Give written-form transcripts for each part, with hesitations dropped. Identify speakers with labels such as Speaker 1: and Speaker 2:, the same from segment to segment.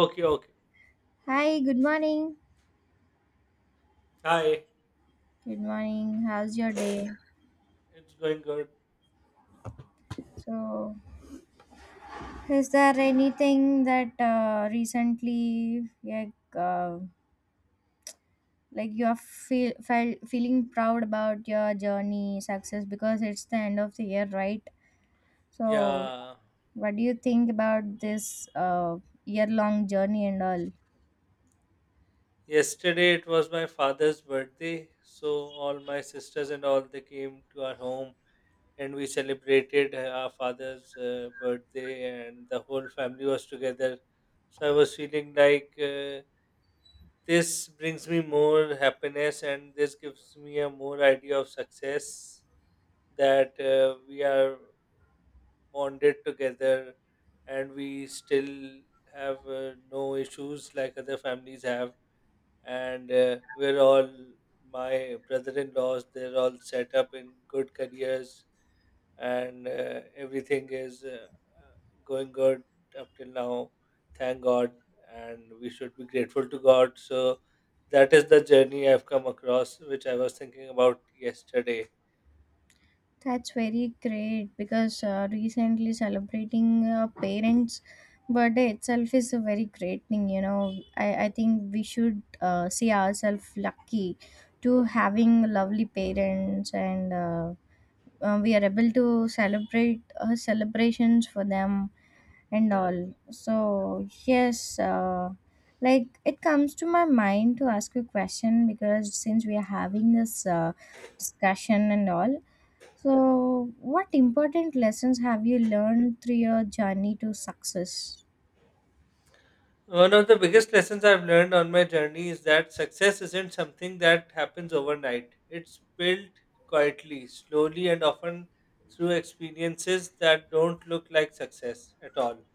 Speaker 1: Okay, okay.
Speaker 2: Hi, good morning.
Speaker 1: Hi.
Speaker 2: Good morning. How's your day?
Speaker 1: It's going good.
Speaker 2: So, is there anything that recently, like you are feeling proud about your journey, success, because it's the end of the year, right? So,
Speaker 1: Yeah.
Speaker 2: what do you think about this year-long journey and all?
Speaker 1: Yesterday it was my father's birthday, so all my sisters and all they came to our home and we celebrated our father's birthday and the whole family was together. So I was feeling like this brings me more happiness and this gives me a more idea of success that we are bonded together and we still have no issues like other families have and we're all my brother-in-laws they're all set up in good careers and everything is going good up till now, thank god. And we should be grateful to god, so that is the journey I've come across which I was thinking about yesterday.
Speaker 2: That's very great because recently celebrating parents' birthday itself is a very great thing. You know, I think we should see ourselves lucky to having lovely parents, and we are able to celebrate celebrations for them
Speaker 1: Hmm,
Speaker 2: and all. So yes, like it comes to my mind to ask you a question because since we are having this discussion and all. So, what important lessons have you learned through your journey to success?
Speaker 1: One of the biggest lessons I've learned on my journey is that success isn't something that happens overnight. It's built quietly, slowly, and often through experiences that don't look like success at all.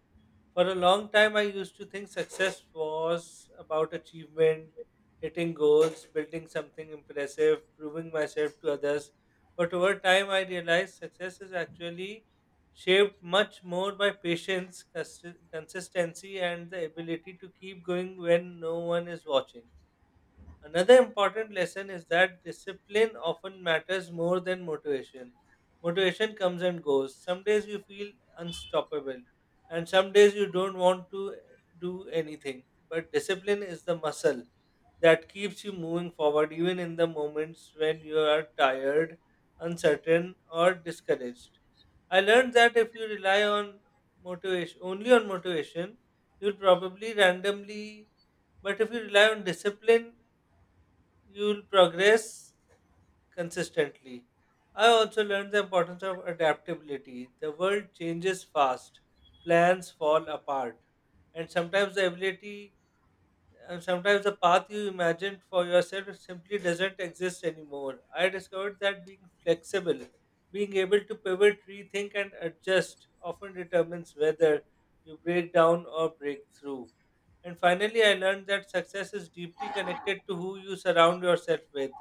Speaker 1: For a long time, I used to think success was about achievement, hitting goals, building something impressive, proving myself to others. But over time, I realized success is actually shaped much more by patience, consistency, and the ability to keep going when no one is watching. Another important lesson is that discipline often matters more than motivation. Motivation comes and goes. Some days you feel unstoppable, and some days you don't want to do anything. But discipline is the muscle that keeps you moving forward, even in the moments when you are tired, uncertain, or discouraged. I learned that if you rely on motivation, only on motivation, you'll probably randomly, but if you rely on discipline you'll progress consistently. I also learned the importance of adaptability. The world changes fast, plans fall apart, and sometimes the ability and sometimes the path you imagined for yourself simply doesn't exist anymore. I discovered that being flexible, being able to pivot, rethink, and adjust often determines whether you break down or break through. And finally, I learned that success is deeply connected to who you surround yourself with.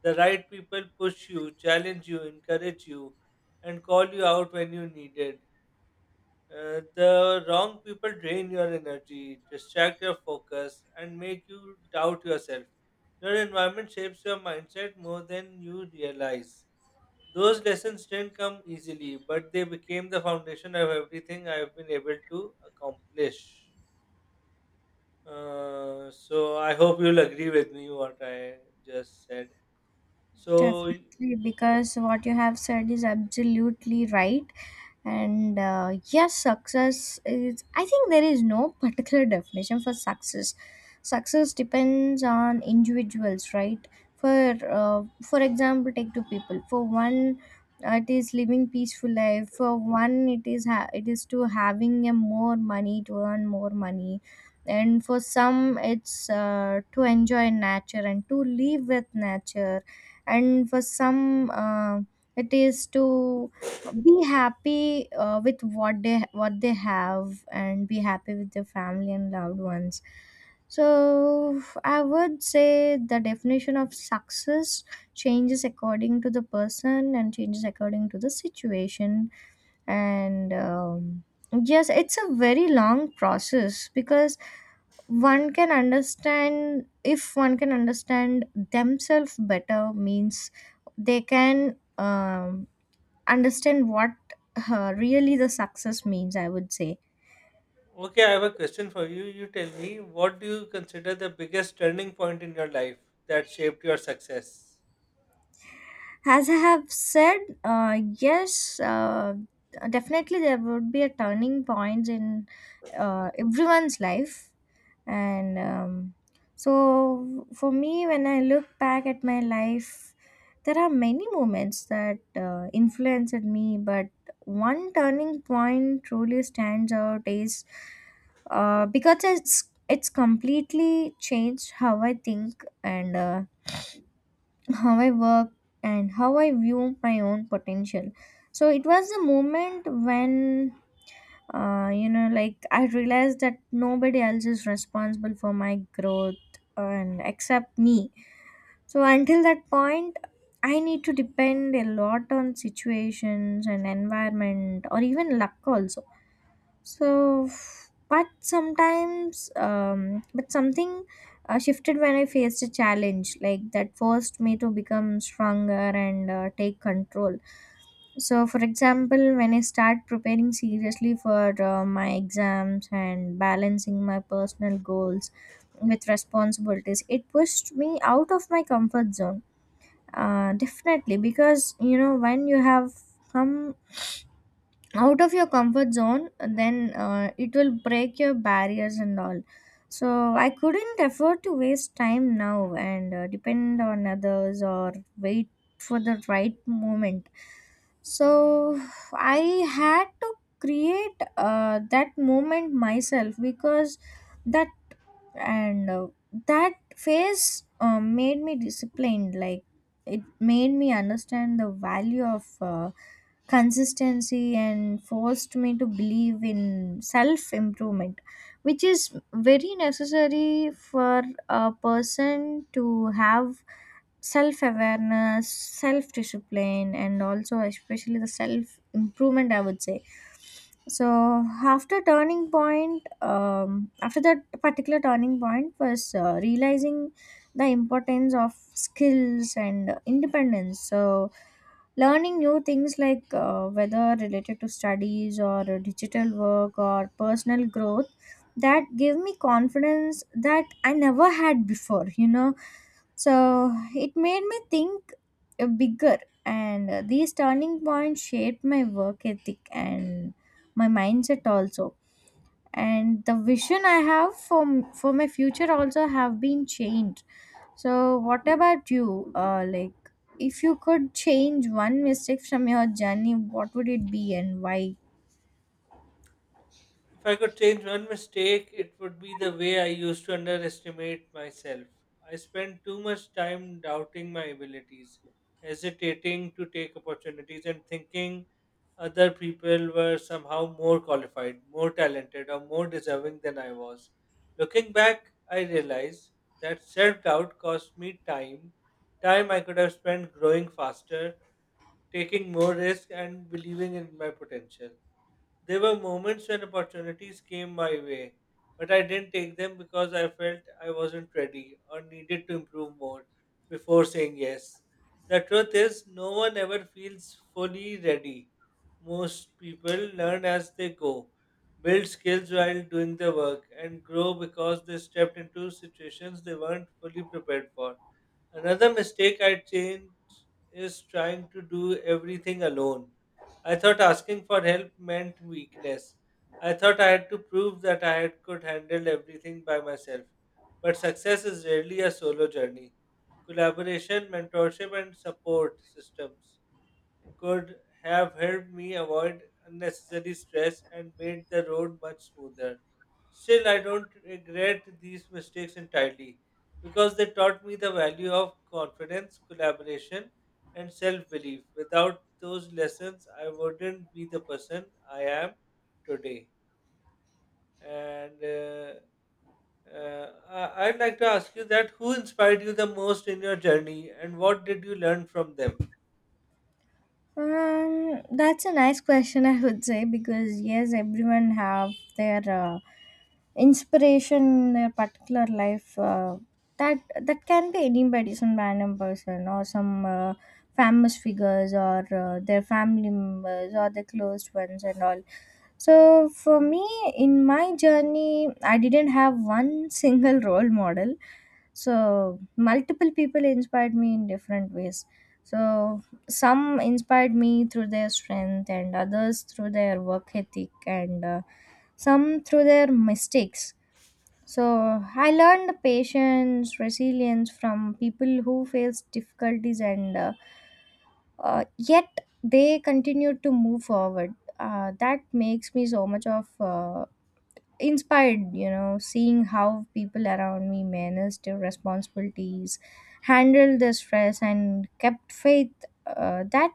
Speaker 1: The right people push you, challenge you, encourage you, and call you out when you need it. The wrong people drain your energy, distract your focus, and make you doubt yourself. Your environment shapes your mindset more than you realize. Those lessons didn't come easily, but they became the foundation of everything I've been able to accomplish. So I hope you'll agree with me what I just said. So,
Speaker 2: Definitely. Because what you have said is absolutely right. And yes, success is, I think, there is no particular definition for success. Success depends on individuals, right? For for example, take two people. For one, it is living peaceful life. For one, it is it is to having a more money, to earn more money. And for some, it's to enjoy nature and to live with nature. And for some it is to be happy with what they have and be happy with their family and loved ones. So I would say the definition of success changes according to the person and changes according to the situation. And yes, it's a very long process because one can understand if one can understand themselves better means they can understand what really the success means, I would say.
Speaker 1: okay, I have a question for you. You tell me, what do you consider the biggest turning point in your life that shaped your success?
Speaker 2: As I have said, yes, definitely there would be a turning point in everyone's life. And so for me, when I look back at my life, there are many moments that influenced me, but one turning point truly stands out, is because it's completely changed how I think and how I work and how I view my own potential. So it was the moment when you know, like, I realized that nobody else is responsible for my growth, and except me. So until that point, I need to depend a lot on situations and environment, or even luck also. So, but something shifted when I faced a challenge like that, forced me to become stronger and take control. So, for example, when I start preparing seriously for my exams and balancing my personal goals with responsibilities, it pushed me out of my comfort zone. Definitely, because you know, when you have come out of your comfort zone, then it will break your barriers and all. So I couldn't afford to waste time now and depend on others or wait for the right moment. So I had to create that moment myself, because that, and that phase made me disciplined. Like, it made me understand the value of consistency and forced me to believe in self improvement, which is very necessary for a person to have: self awareness, self discipline, and also especially the self improvement, I would say. So after turning point, after that particular turning point was realizing the importance of skills and independence. So learning new things, like, whether related to studies or digital work or personal growth, that gave me confidence that I never had before, you know. So it made me think bigger. And these turning points shaped my work ethic and my mindset also, and the vision I have for my future also have been changed. So, what about you? Like, if you could change one mistake from your journey, what would it be and why?
Speaker 1: If I could change one mistake, it would be the way I used to underestimate myself. I spent too much time doubting my abilities, hesitating to take opportunities, and thinking other people were somehow more qualified, more talented, or more deserving than I was. Looking back, I realized that self doubt cost me time, time I could have spent growing faster, taking more risk, and believing in my potential. There were moments when opportunities came my way, but I didn't take them because I felt I wasn't ready or needed to improve more before saying yes. The truth is, no one ever feels fully ready. Most people learn as they go, build skills while doing the work, and grow because they stepped into situations they weren't fully prepared for. Another mistake I changed is trying to do everything alone. I thought asking for help meant weakness. I thought I had to prove that I had, could handle everything by myself. But success is rarely a solo journey. Collaboration, mentorship, and support systems could have helped me avoid unnecessary stress and made the road much smoother. Still, I don't regret these mistakes entirely because they taught me the value of confidence, collaboration, and self belief. Without those lessons, I wouldn't be the person I am today. And uh, I'd like to ask you that who inspired you the most in your journey and what did you learn from them?
Speaker 2: That's a nice question, I would say, because yes, everyone have their inspiration in their particular life. That can be anybody, some random person, or some famous figures, or their family members, or their close ones, and all. So for me, in my journey, I didn't have one single role model. So, multiple people inspired me in different ways. So, some inspired me through their strength, and others through their work ethic, and some through their mistakes. So, I learned patience, resilience from people who faced difficulties, and yet they continued to move forward. That makes me so much of inspired, you know, seeing how people around me managed their responsibilities, handled their stress, and kept faith. Uh, that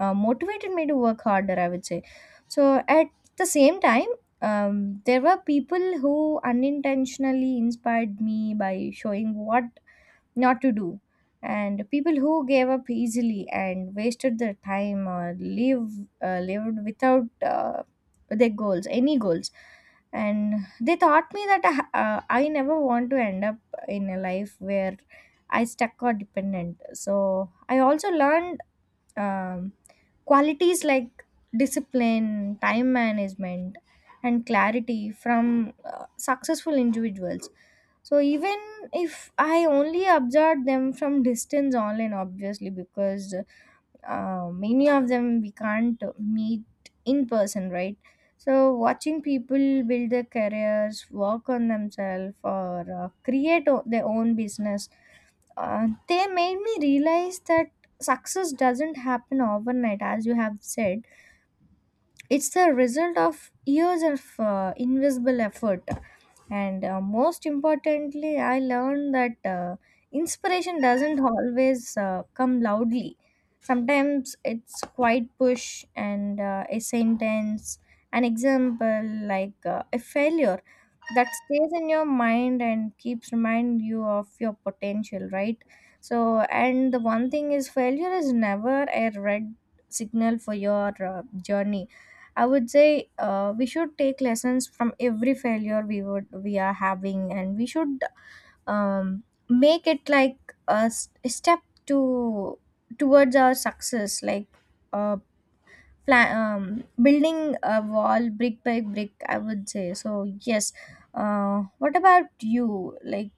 Speaker 2: motivated me to work harder, I would say. So at the same time, there were people who unintentionally inspired me by showing what not to do. And people who gave up easily and wasted their time or lived without their goals, any goals, and they taught me that I never want to end up in a life where I stuck or dependent. So I also learned, um, qualities like discipline, time management, and clarity from successful individuals. So even if I only observed them from distance online, obviously, because many of them we can't meet in person, right? So, watching people build their careers, work on themselves, or their own business, they made me realize that success doesn't happen overnight, as you have said. It's the result of years of invisible effort. And most importantly, I learned that inspiration doesn't always come loudly. Sometimes it's quite push and a sentence, an example, like a failure that stays in your mind and keeps remind you of your potential, right? So, and the one thing is, failure is never a red signal for your journey, I would say. Uh, we should take lessons from every failure we are having, and we should um, make it like a step to towards our success, like. Uh, building a wall brick by brick, I would say. So yes, what about you? Like,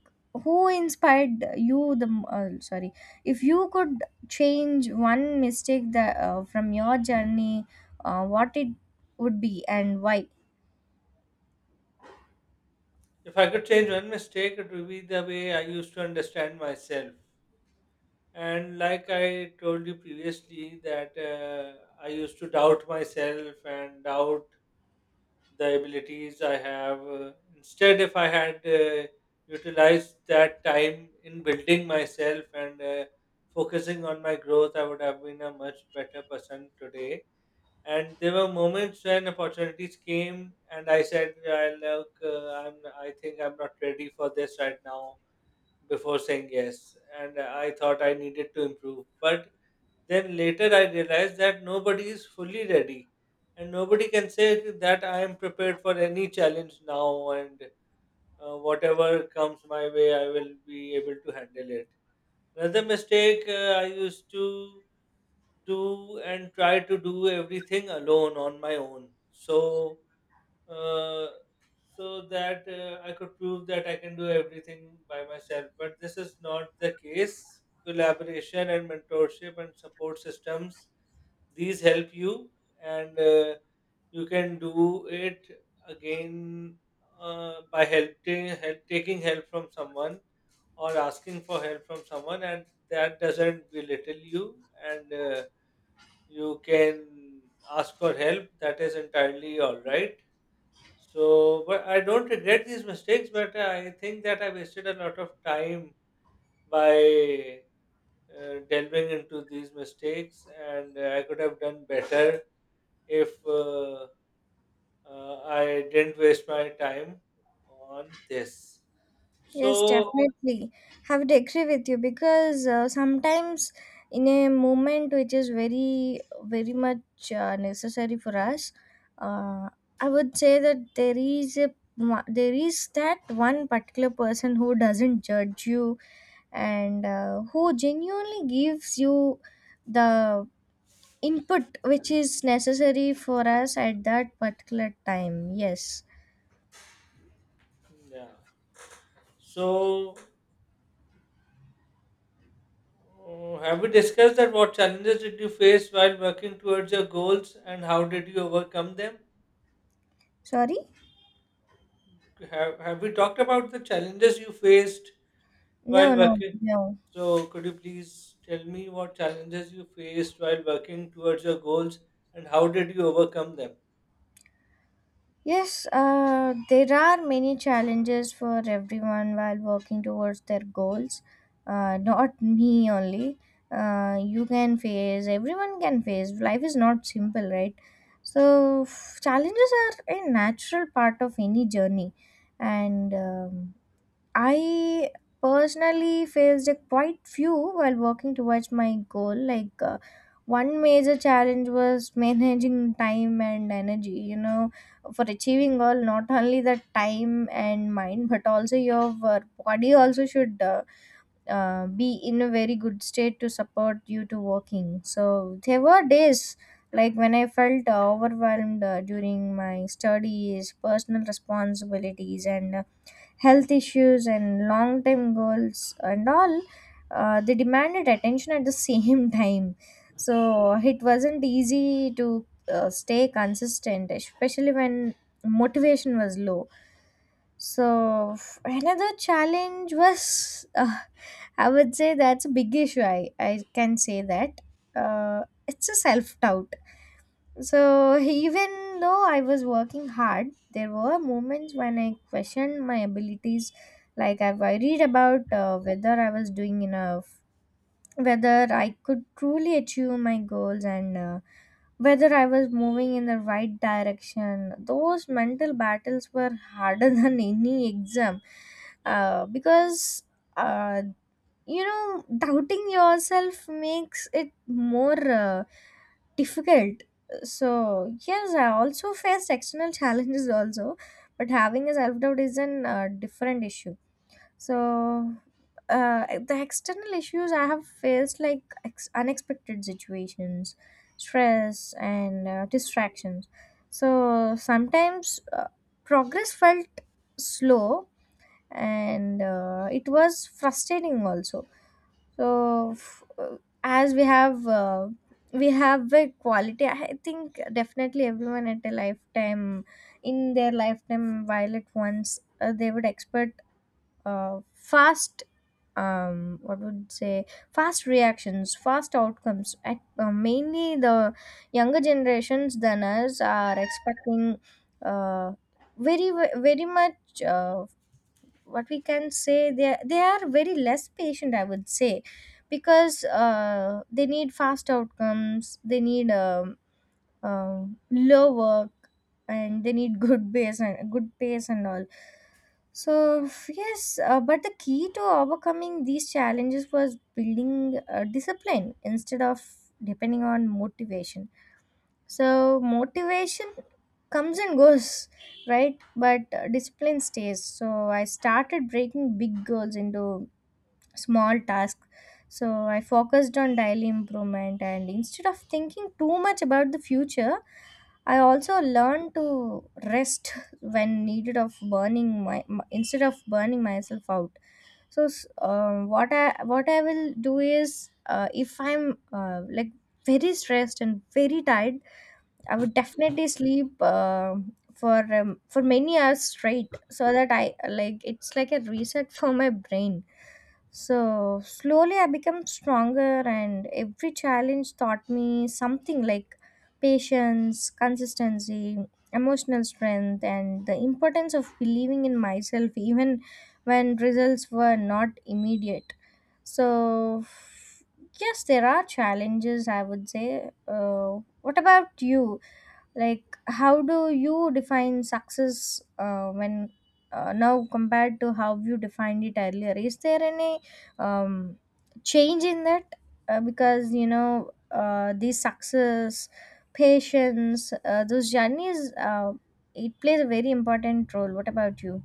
Speaker 2: who inspired you the sorry, if you could change one mistake that from your journey, what it would be and why?
Speaker 1: If I could change one mistake, it would be the way I used to understand myself. And like I told you previously, that I used to doubt myself and doubt the abilities I have. Instead, if I had utilized that time in building myself and focusing on my growth, I would have been a much better person today. And there were moments when opportunities came and I said, I think I'm not ready for this right now before saying yes, and I thought I needed to improve, but then later I realized that nobody is fully ready and nobody can say that I am prepared for any challenge now, and whatever comes my way I will be able to handle it. Another mistake I used to do and try to do everything alone on my own. So, uh, so that I could prove that I can do everything by myself. But this is not the case. Collaboration and mentorship and support systems, these help you, and you can do it again by taking help from someone or asking for help from someone, and that doesn't belittle you. And. Uh, you can ask for help. That is entirely all right. So, but I don't regret these mistakes, but I think that I wasted a lot of time by delving into these mistakes, and I could have done better if I didn't waste my time on this.
Speaker 2: Yes,
Speaker 1: So,
Speaker 2: definitely. I would agree with you because sometimes in a moment which is very, very much necessary for us, uh, I would say that there is there is that one particular person who doesn't judge you and who genuinely gives you the input which is necessary for us at that particular time. Yes.
Speaker 1: yeah. So, have we discussed that what challenges did you face while working towards your goals and how did you overcome them?
Speaker 2: Sorry?
Speaker 1: Have we talked about the challenges you faced while
Speaker 2: No, no,
Speaker 1: working?
Speaker 2: no.
Speaker 1: So could you please tell me what challenges you faced while working towards your goals and how did you overcome them?
Speaker 2: Yes, there are many challenges for everyone while working towards their goals. Not me only. Everyone can face. Life is not simple, right? So, challenges are a natural part of any journey. And I personally faced a quite few while working towards my goal. Like, one major challenge was managing time and energy, you know, for achieving all, not only the time and mind, but also your body also should be in a very good state to support you to working. So, there were days like when I felt overwhelmed during my studies, personal responsibilities, and health issues and long term goals and all. Uh, they demanded attention at the same time, so it wasn't easy to stay consistent, especially when motivation was low. So another challenge was, I would say that's a big issue, I can say that, it's a self doubt. So even though I was working hard, there were moments when I questioned my abilities. Like, I worried about whether I was doing enough, whether I could truly achieve my goals, and whether I was moving in the right direction. Those mental battles were harder than any exam, because uh, you know, doubting yourself makes it more. Difficult. So yes, I also faced external challenges also, but having a self doubt is an different issue. So the external issues I have faced, like, unexpected situations, stress, and distractions. So sometimes progress felt slow and it was frustrating also. So, as we have a quality. I think definitely everyone at a lifetime, in their lifetime, while at once they would expect fast. What would say, fast reactions, fast outcomes. At, mainly the younger generations than us are expecting uh, very very much. What we can say, they are very less patient, I would say, because they need fast outcomes, they need low work, and they need good base and good pace and all. So yes, but the key to overcoming these challenges was building discipline instead of depending on motivation. So motivation comes and goes, right? But discipline stays. So I started breaking big goals into small tasks. So I focused on daily improvement and instead of thinking too much about the future, I also learned to rest when needed of instead of burning myself out. What I will do is if I'm like very stressed and very tired, I would definitely sleep for many hours straight, so that I like it's like a reset for my brain. So slowly I become stronger, and every challenge taught me something like patience, consistency, emotional strength, and the importance of believing in myself even when results were not immediate. So yes, there are challenges, I would say. What about you? Like how do you define success when now compared to how you defined it earlier? Is there any um, change in that, because you know the success, patience, those journeys, it plays a very important role. What about you?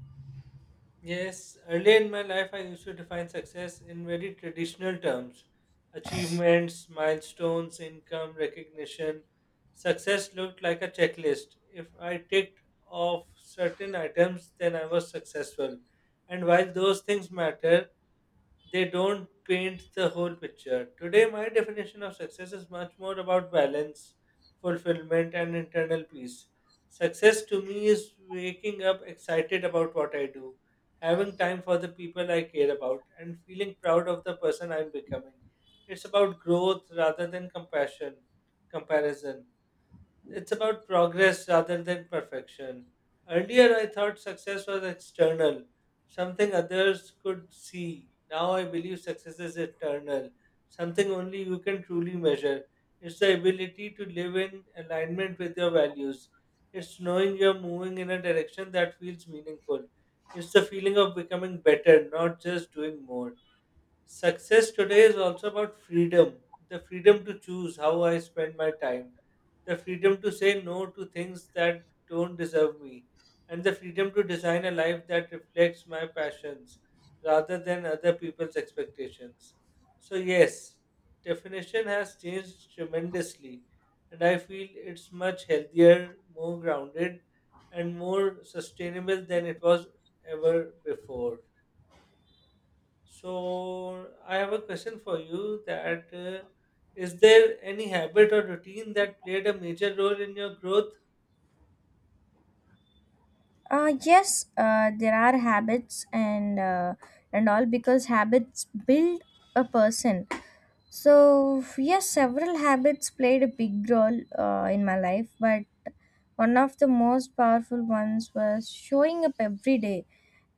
Speaker 1: Yes, earlier in my life I used to define success in very traditional terms. Achievements, milestones, income, recognition. Success looked like a checklist. If I ticked off certain items, then I was successful. And while those things matter, they don't paint the whole picture. Today, my definition of success is much more about balance, fulfillment, and internal peace. Success to me is waking up excited about what I do, having time for the people I care about, and feeling proud of the person I'm becoming. It's about growth rather than comparison. It's about progress rather than perfection. Earlier, I thought success was external, something others could see. Now I believe success is internal, something only you can truly measure. It's the ability to live in alignment with your values. It's knowing you're moving in a direction that feels meaningful. It's the feeling of becoming better, not just doing more. Success today is also about freedom, the freedom to choose how I spend my time, the freedom to say no to things that don't deserve me, and the freedom to design a life that reflects my passions rather than other people's expectations. So, yes, definition has changed tremendously, and I feel it's much healthier, more grounded, and more sustainable than it was ever before. So I have a question for you that is there any habit or routine that played a major role in your growth?
Speaker 2: Yes, there are habits and all, because habits build a person. So, yes, several habits played a big role in my life, but one of the most powerful ones was showing up every day,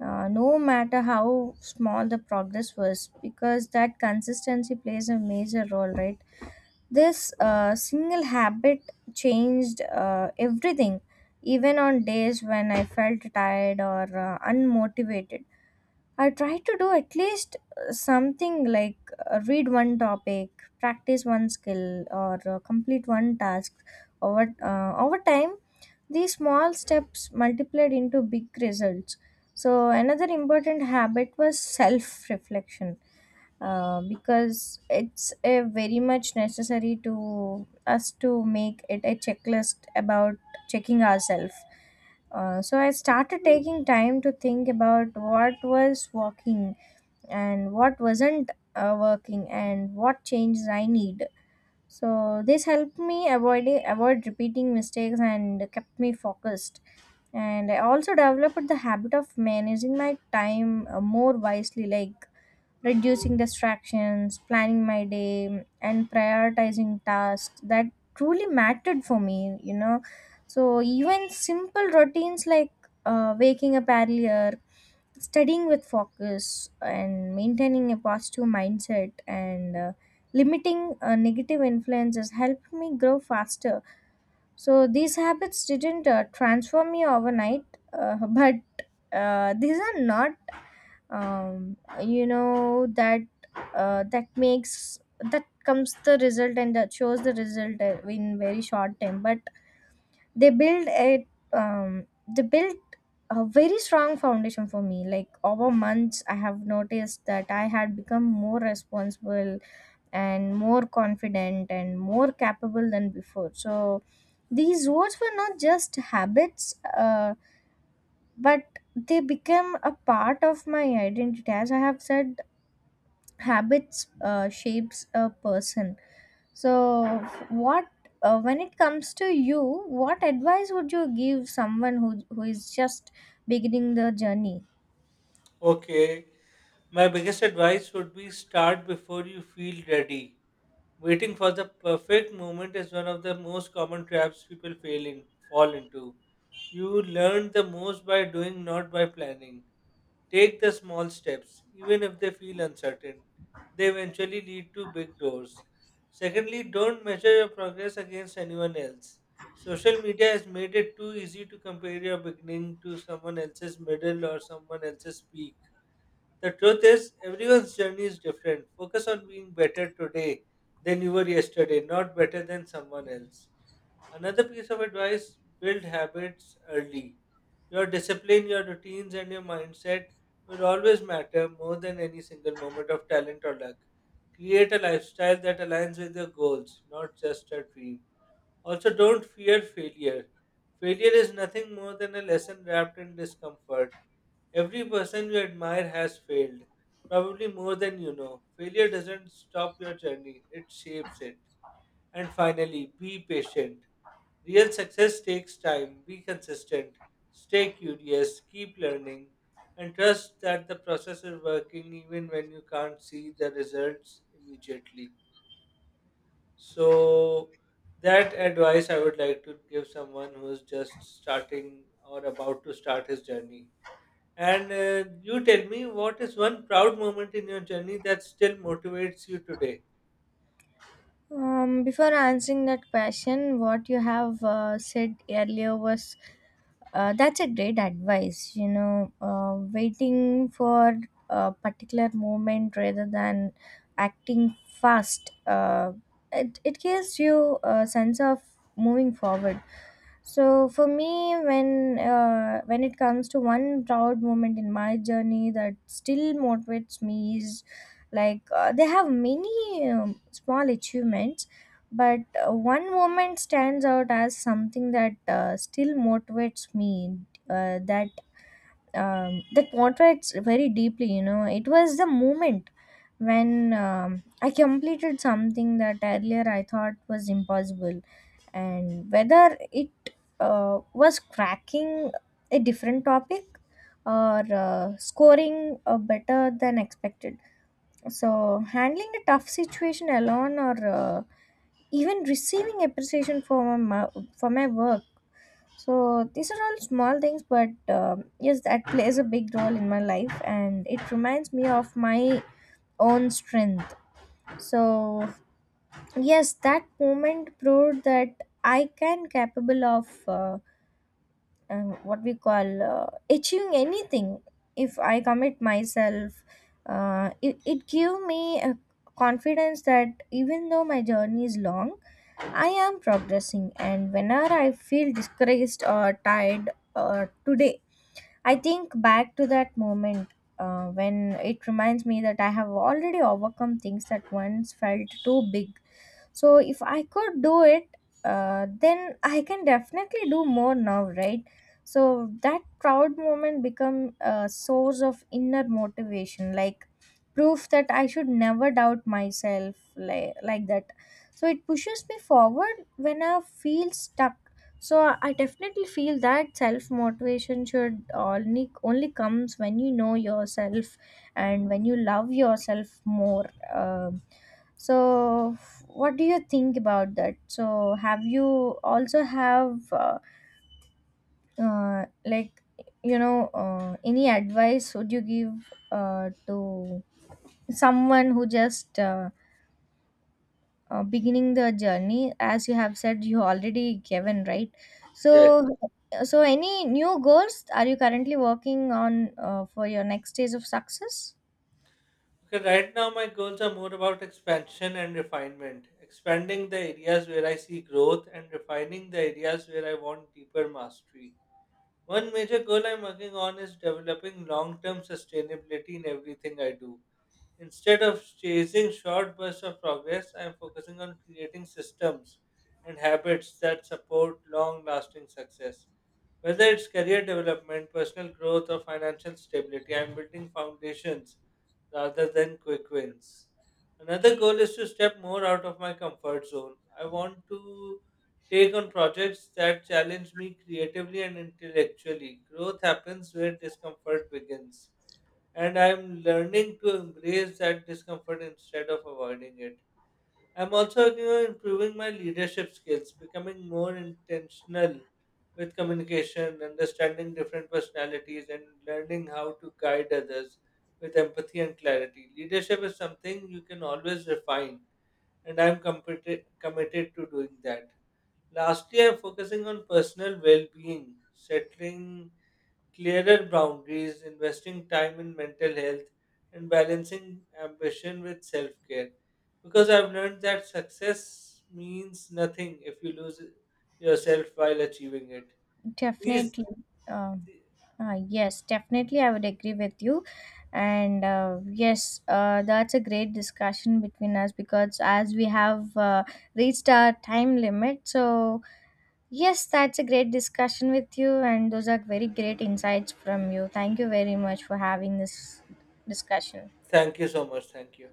Speaker 2: no matter how small the progress was, because that consistency plays a major role, right? This single habit changed everything, even on days when I felt tired or unmotivated. I try to do at least something like read one topic, practice one skill, or complete one task over time. These small steps multiplied into big results. So, another important habit was self reflection, because it's a very much necessary to us to make it a checklist about checking ourselves. So I started taking time to think about what was working and what wasn't working, and what changes I need. So this helped me avoid repeating mistakes and kept me focused. And I also developed the habit of managing my time more wisely, like reducing distractions, planning my day, and prioritizing tasks that truly mattered for me, you know. So, even simple routines like waking up earlier, studying with focus, and maintaining a positive mindset, and limiting negative influences helped me grow faster. So, these habits didn't transform me overnight, but these are not um, you know that that makes that comes the result and that shows the result in very short time, but they build a, um, they built a very strong foundation for me, like over months I have noticed that I had become more responsible and more confident and more capable than before. So these words were not just habits, but they became a part of my identity. As I have said, habits shapes a person. So what, when it comes to you, what advice would you give someone who is just beginning the journey?
Speaker 1: Okay. My biggest advice would be start before you feel ready. Waiting for the perfect moment is one of the most common traps people fall into. You learn the most by doing, not by planning. Take the small steps, even if they feel uncertain. They eventually lead to big doors. Secondly, don't measure your progress against anyone else. Social media has made it too easy to compare your beginning to someone else's middle or someone else's peak. The truth is, everyone's journey is different. Focus on being better today than you were yesterday, not better than someone else. Another piece of advice, build habits early. Your discipline, your routines, and your mindset will always matter more than any single moment of talent or luck. Create a lifestyle that aligns with your goals, not just a dream. Also, don't fear failure. Failure is nothing more than a lesson wrapped in discomfort. Every person you admire has failed, probably more than you know. Failure doesn't stop your journey, it shapes it. And finally, be patient. Real success takes time. Be consistent. Stay curious. Keep learning. And trust that the process is working even when you can't see the results immediately. So, that advice I would like to give someone who's just starting or about to start his journey. And you tell me, what is one proud moment in your journey that still motivates you today?
Speaker 2: Before answering that question, what you have said earlier was, that's a great advice, you know, waiting for a particular moment rather than acting fast, it gives you a sense of moving forward. So for me, when it comes to one proud moment in my journey that still motivates me is like, they have many small achievements, but one moment stands out as something that still motivates me. Uh, that that motivates very deeply. You know, it was the moment when I completed something that earlier I thought was impossible, and whether it was cracking a different topic or scoring better than expected. So, handling a tough situation alone, or even receiving appreciation for for my work. So, these are all small things, but yes, that plays a big role in my life and it reminds me of my own strength. So, yes, that moment proved that I can capable of. And what we call achieving anything if I commit myself, it give me a confidence that even though my journey is long, I am progressing, and whenever I feel discouraged or tired, today I think back to that moment, when it reminds me that I have already overcome things that once felt too big. So if I could do it, then I can definitely do more now, right? So that proud moment become a source of inner motivation, like proof that I should never doubt myself, like that. So it pushes me forward when I feel stuck. So I definitely feel that self motivation should only comes when you know yourself and when you love yourself more. Um so what do you think about that? So have you also have like, you know, any advice would you give to someone who just beginning the journey, as you have said you already given, right? So,
Speaker 1: Yes.
Speaker 2: so any new goals are you currently working on for your next stage of success?
Speaker 1: Okay, right now my goals are more about expansion and refinement. Expanding the areas where I see growth and refining the areas where I want deeper mastery. One major goal I'm working on is developing long term sustainability in everything I do. Instead of chasing short bursts of progress, I'm focusing on creating systems and habits that support long lasting success. Whether it's career development, personal growth, or financial stability, I'm building foundations rather than quick wins. Another goal is to step more out of my comfort zone. I want to take on projects that challenge me creatively and intellectually. Growth happens where discomfort begins, and I'm learning to embrace that discomfort instead of avoiding it. I'm also working on improving my leadership skills, becoming more intentional with communication, understanding different personalities, and learning how to guide others with empathy and clarity. Leadership is something you can always refine, and I'm committed to doing that. Lastly, I'm focusing on personal well being, settling clearer boundaries, investing time in mental health, and balancing ambition with self care. Because I've learned that success means nothing if you lose yourself while achieving it. Please,
Speaker 2: Definitely. Um, yes, definitely, I would agree with you. And yes, that's a great discussion between us, because as we have reached our time limit, so yes, that's a great discussion with you. And those are very great insights from you. Thank you very much for having this discussion.
Speaker 1: thank you so much. Thank you.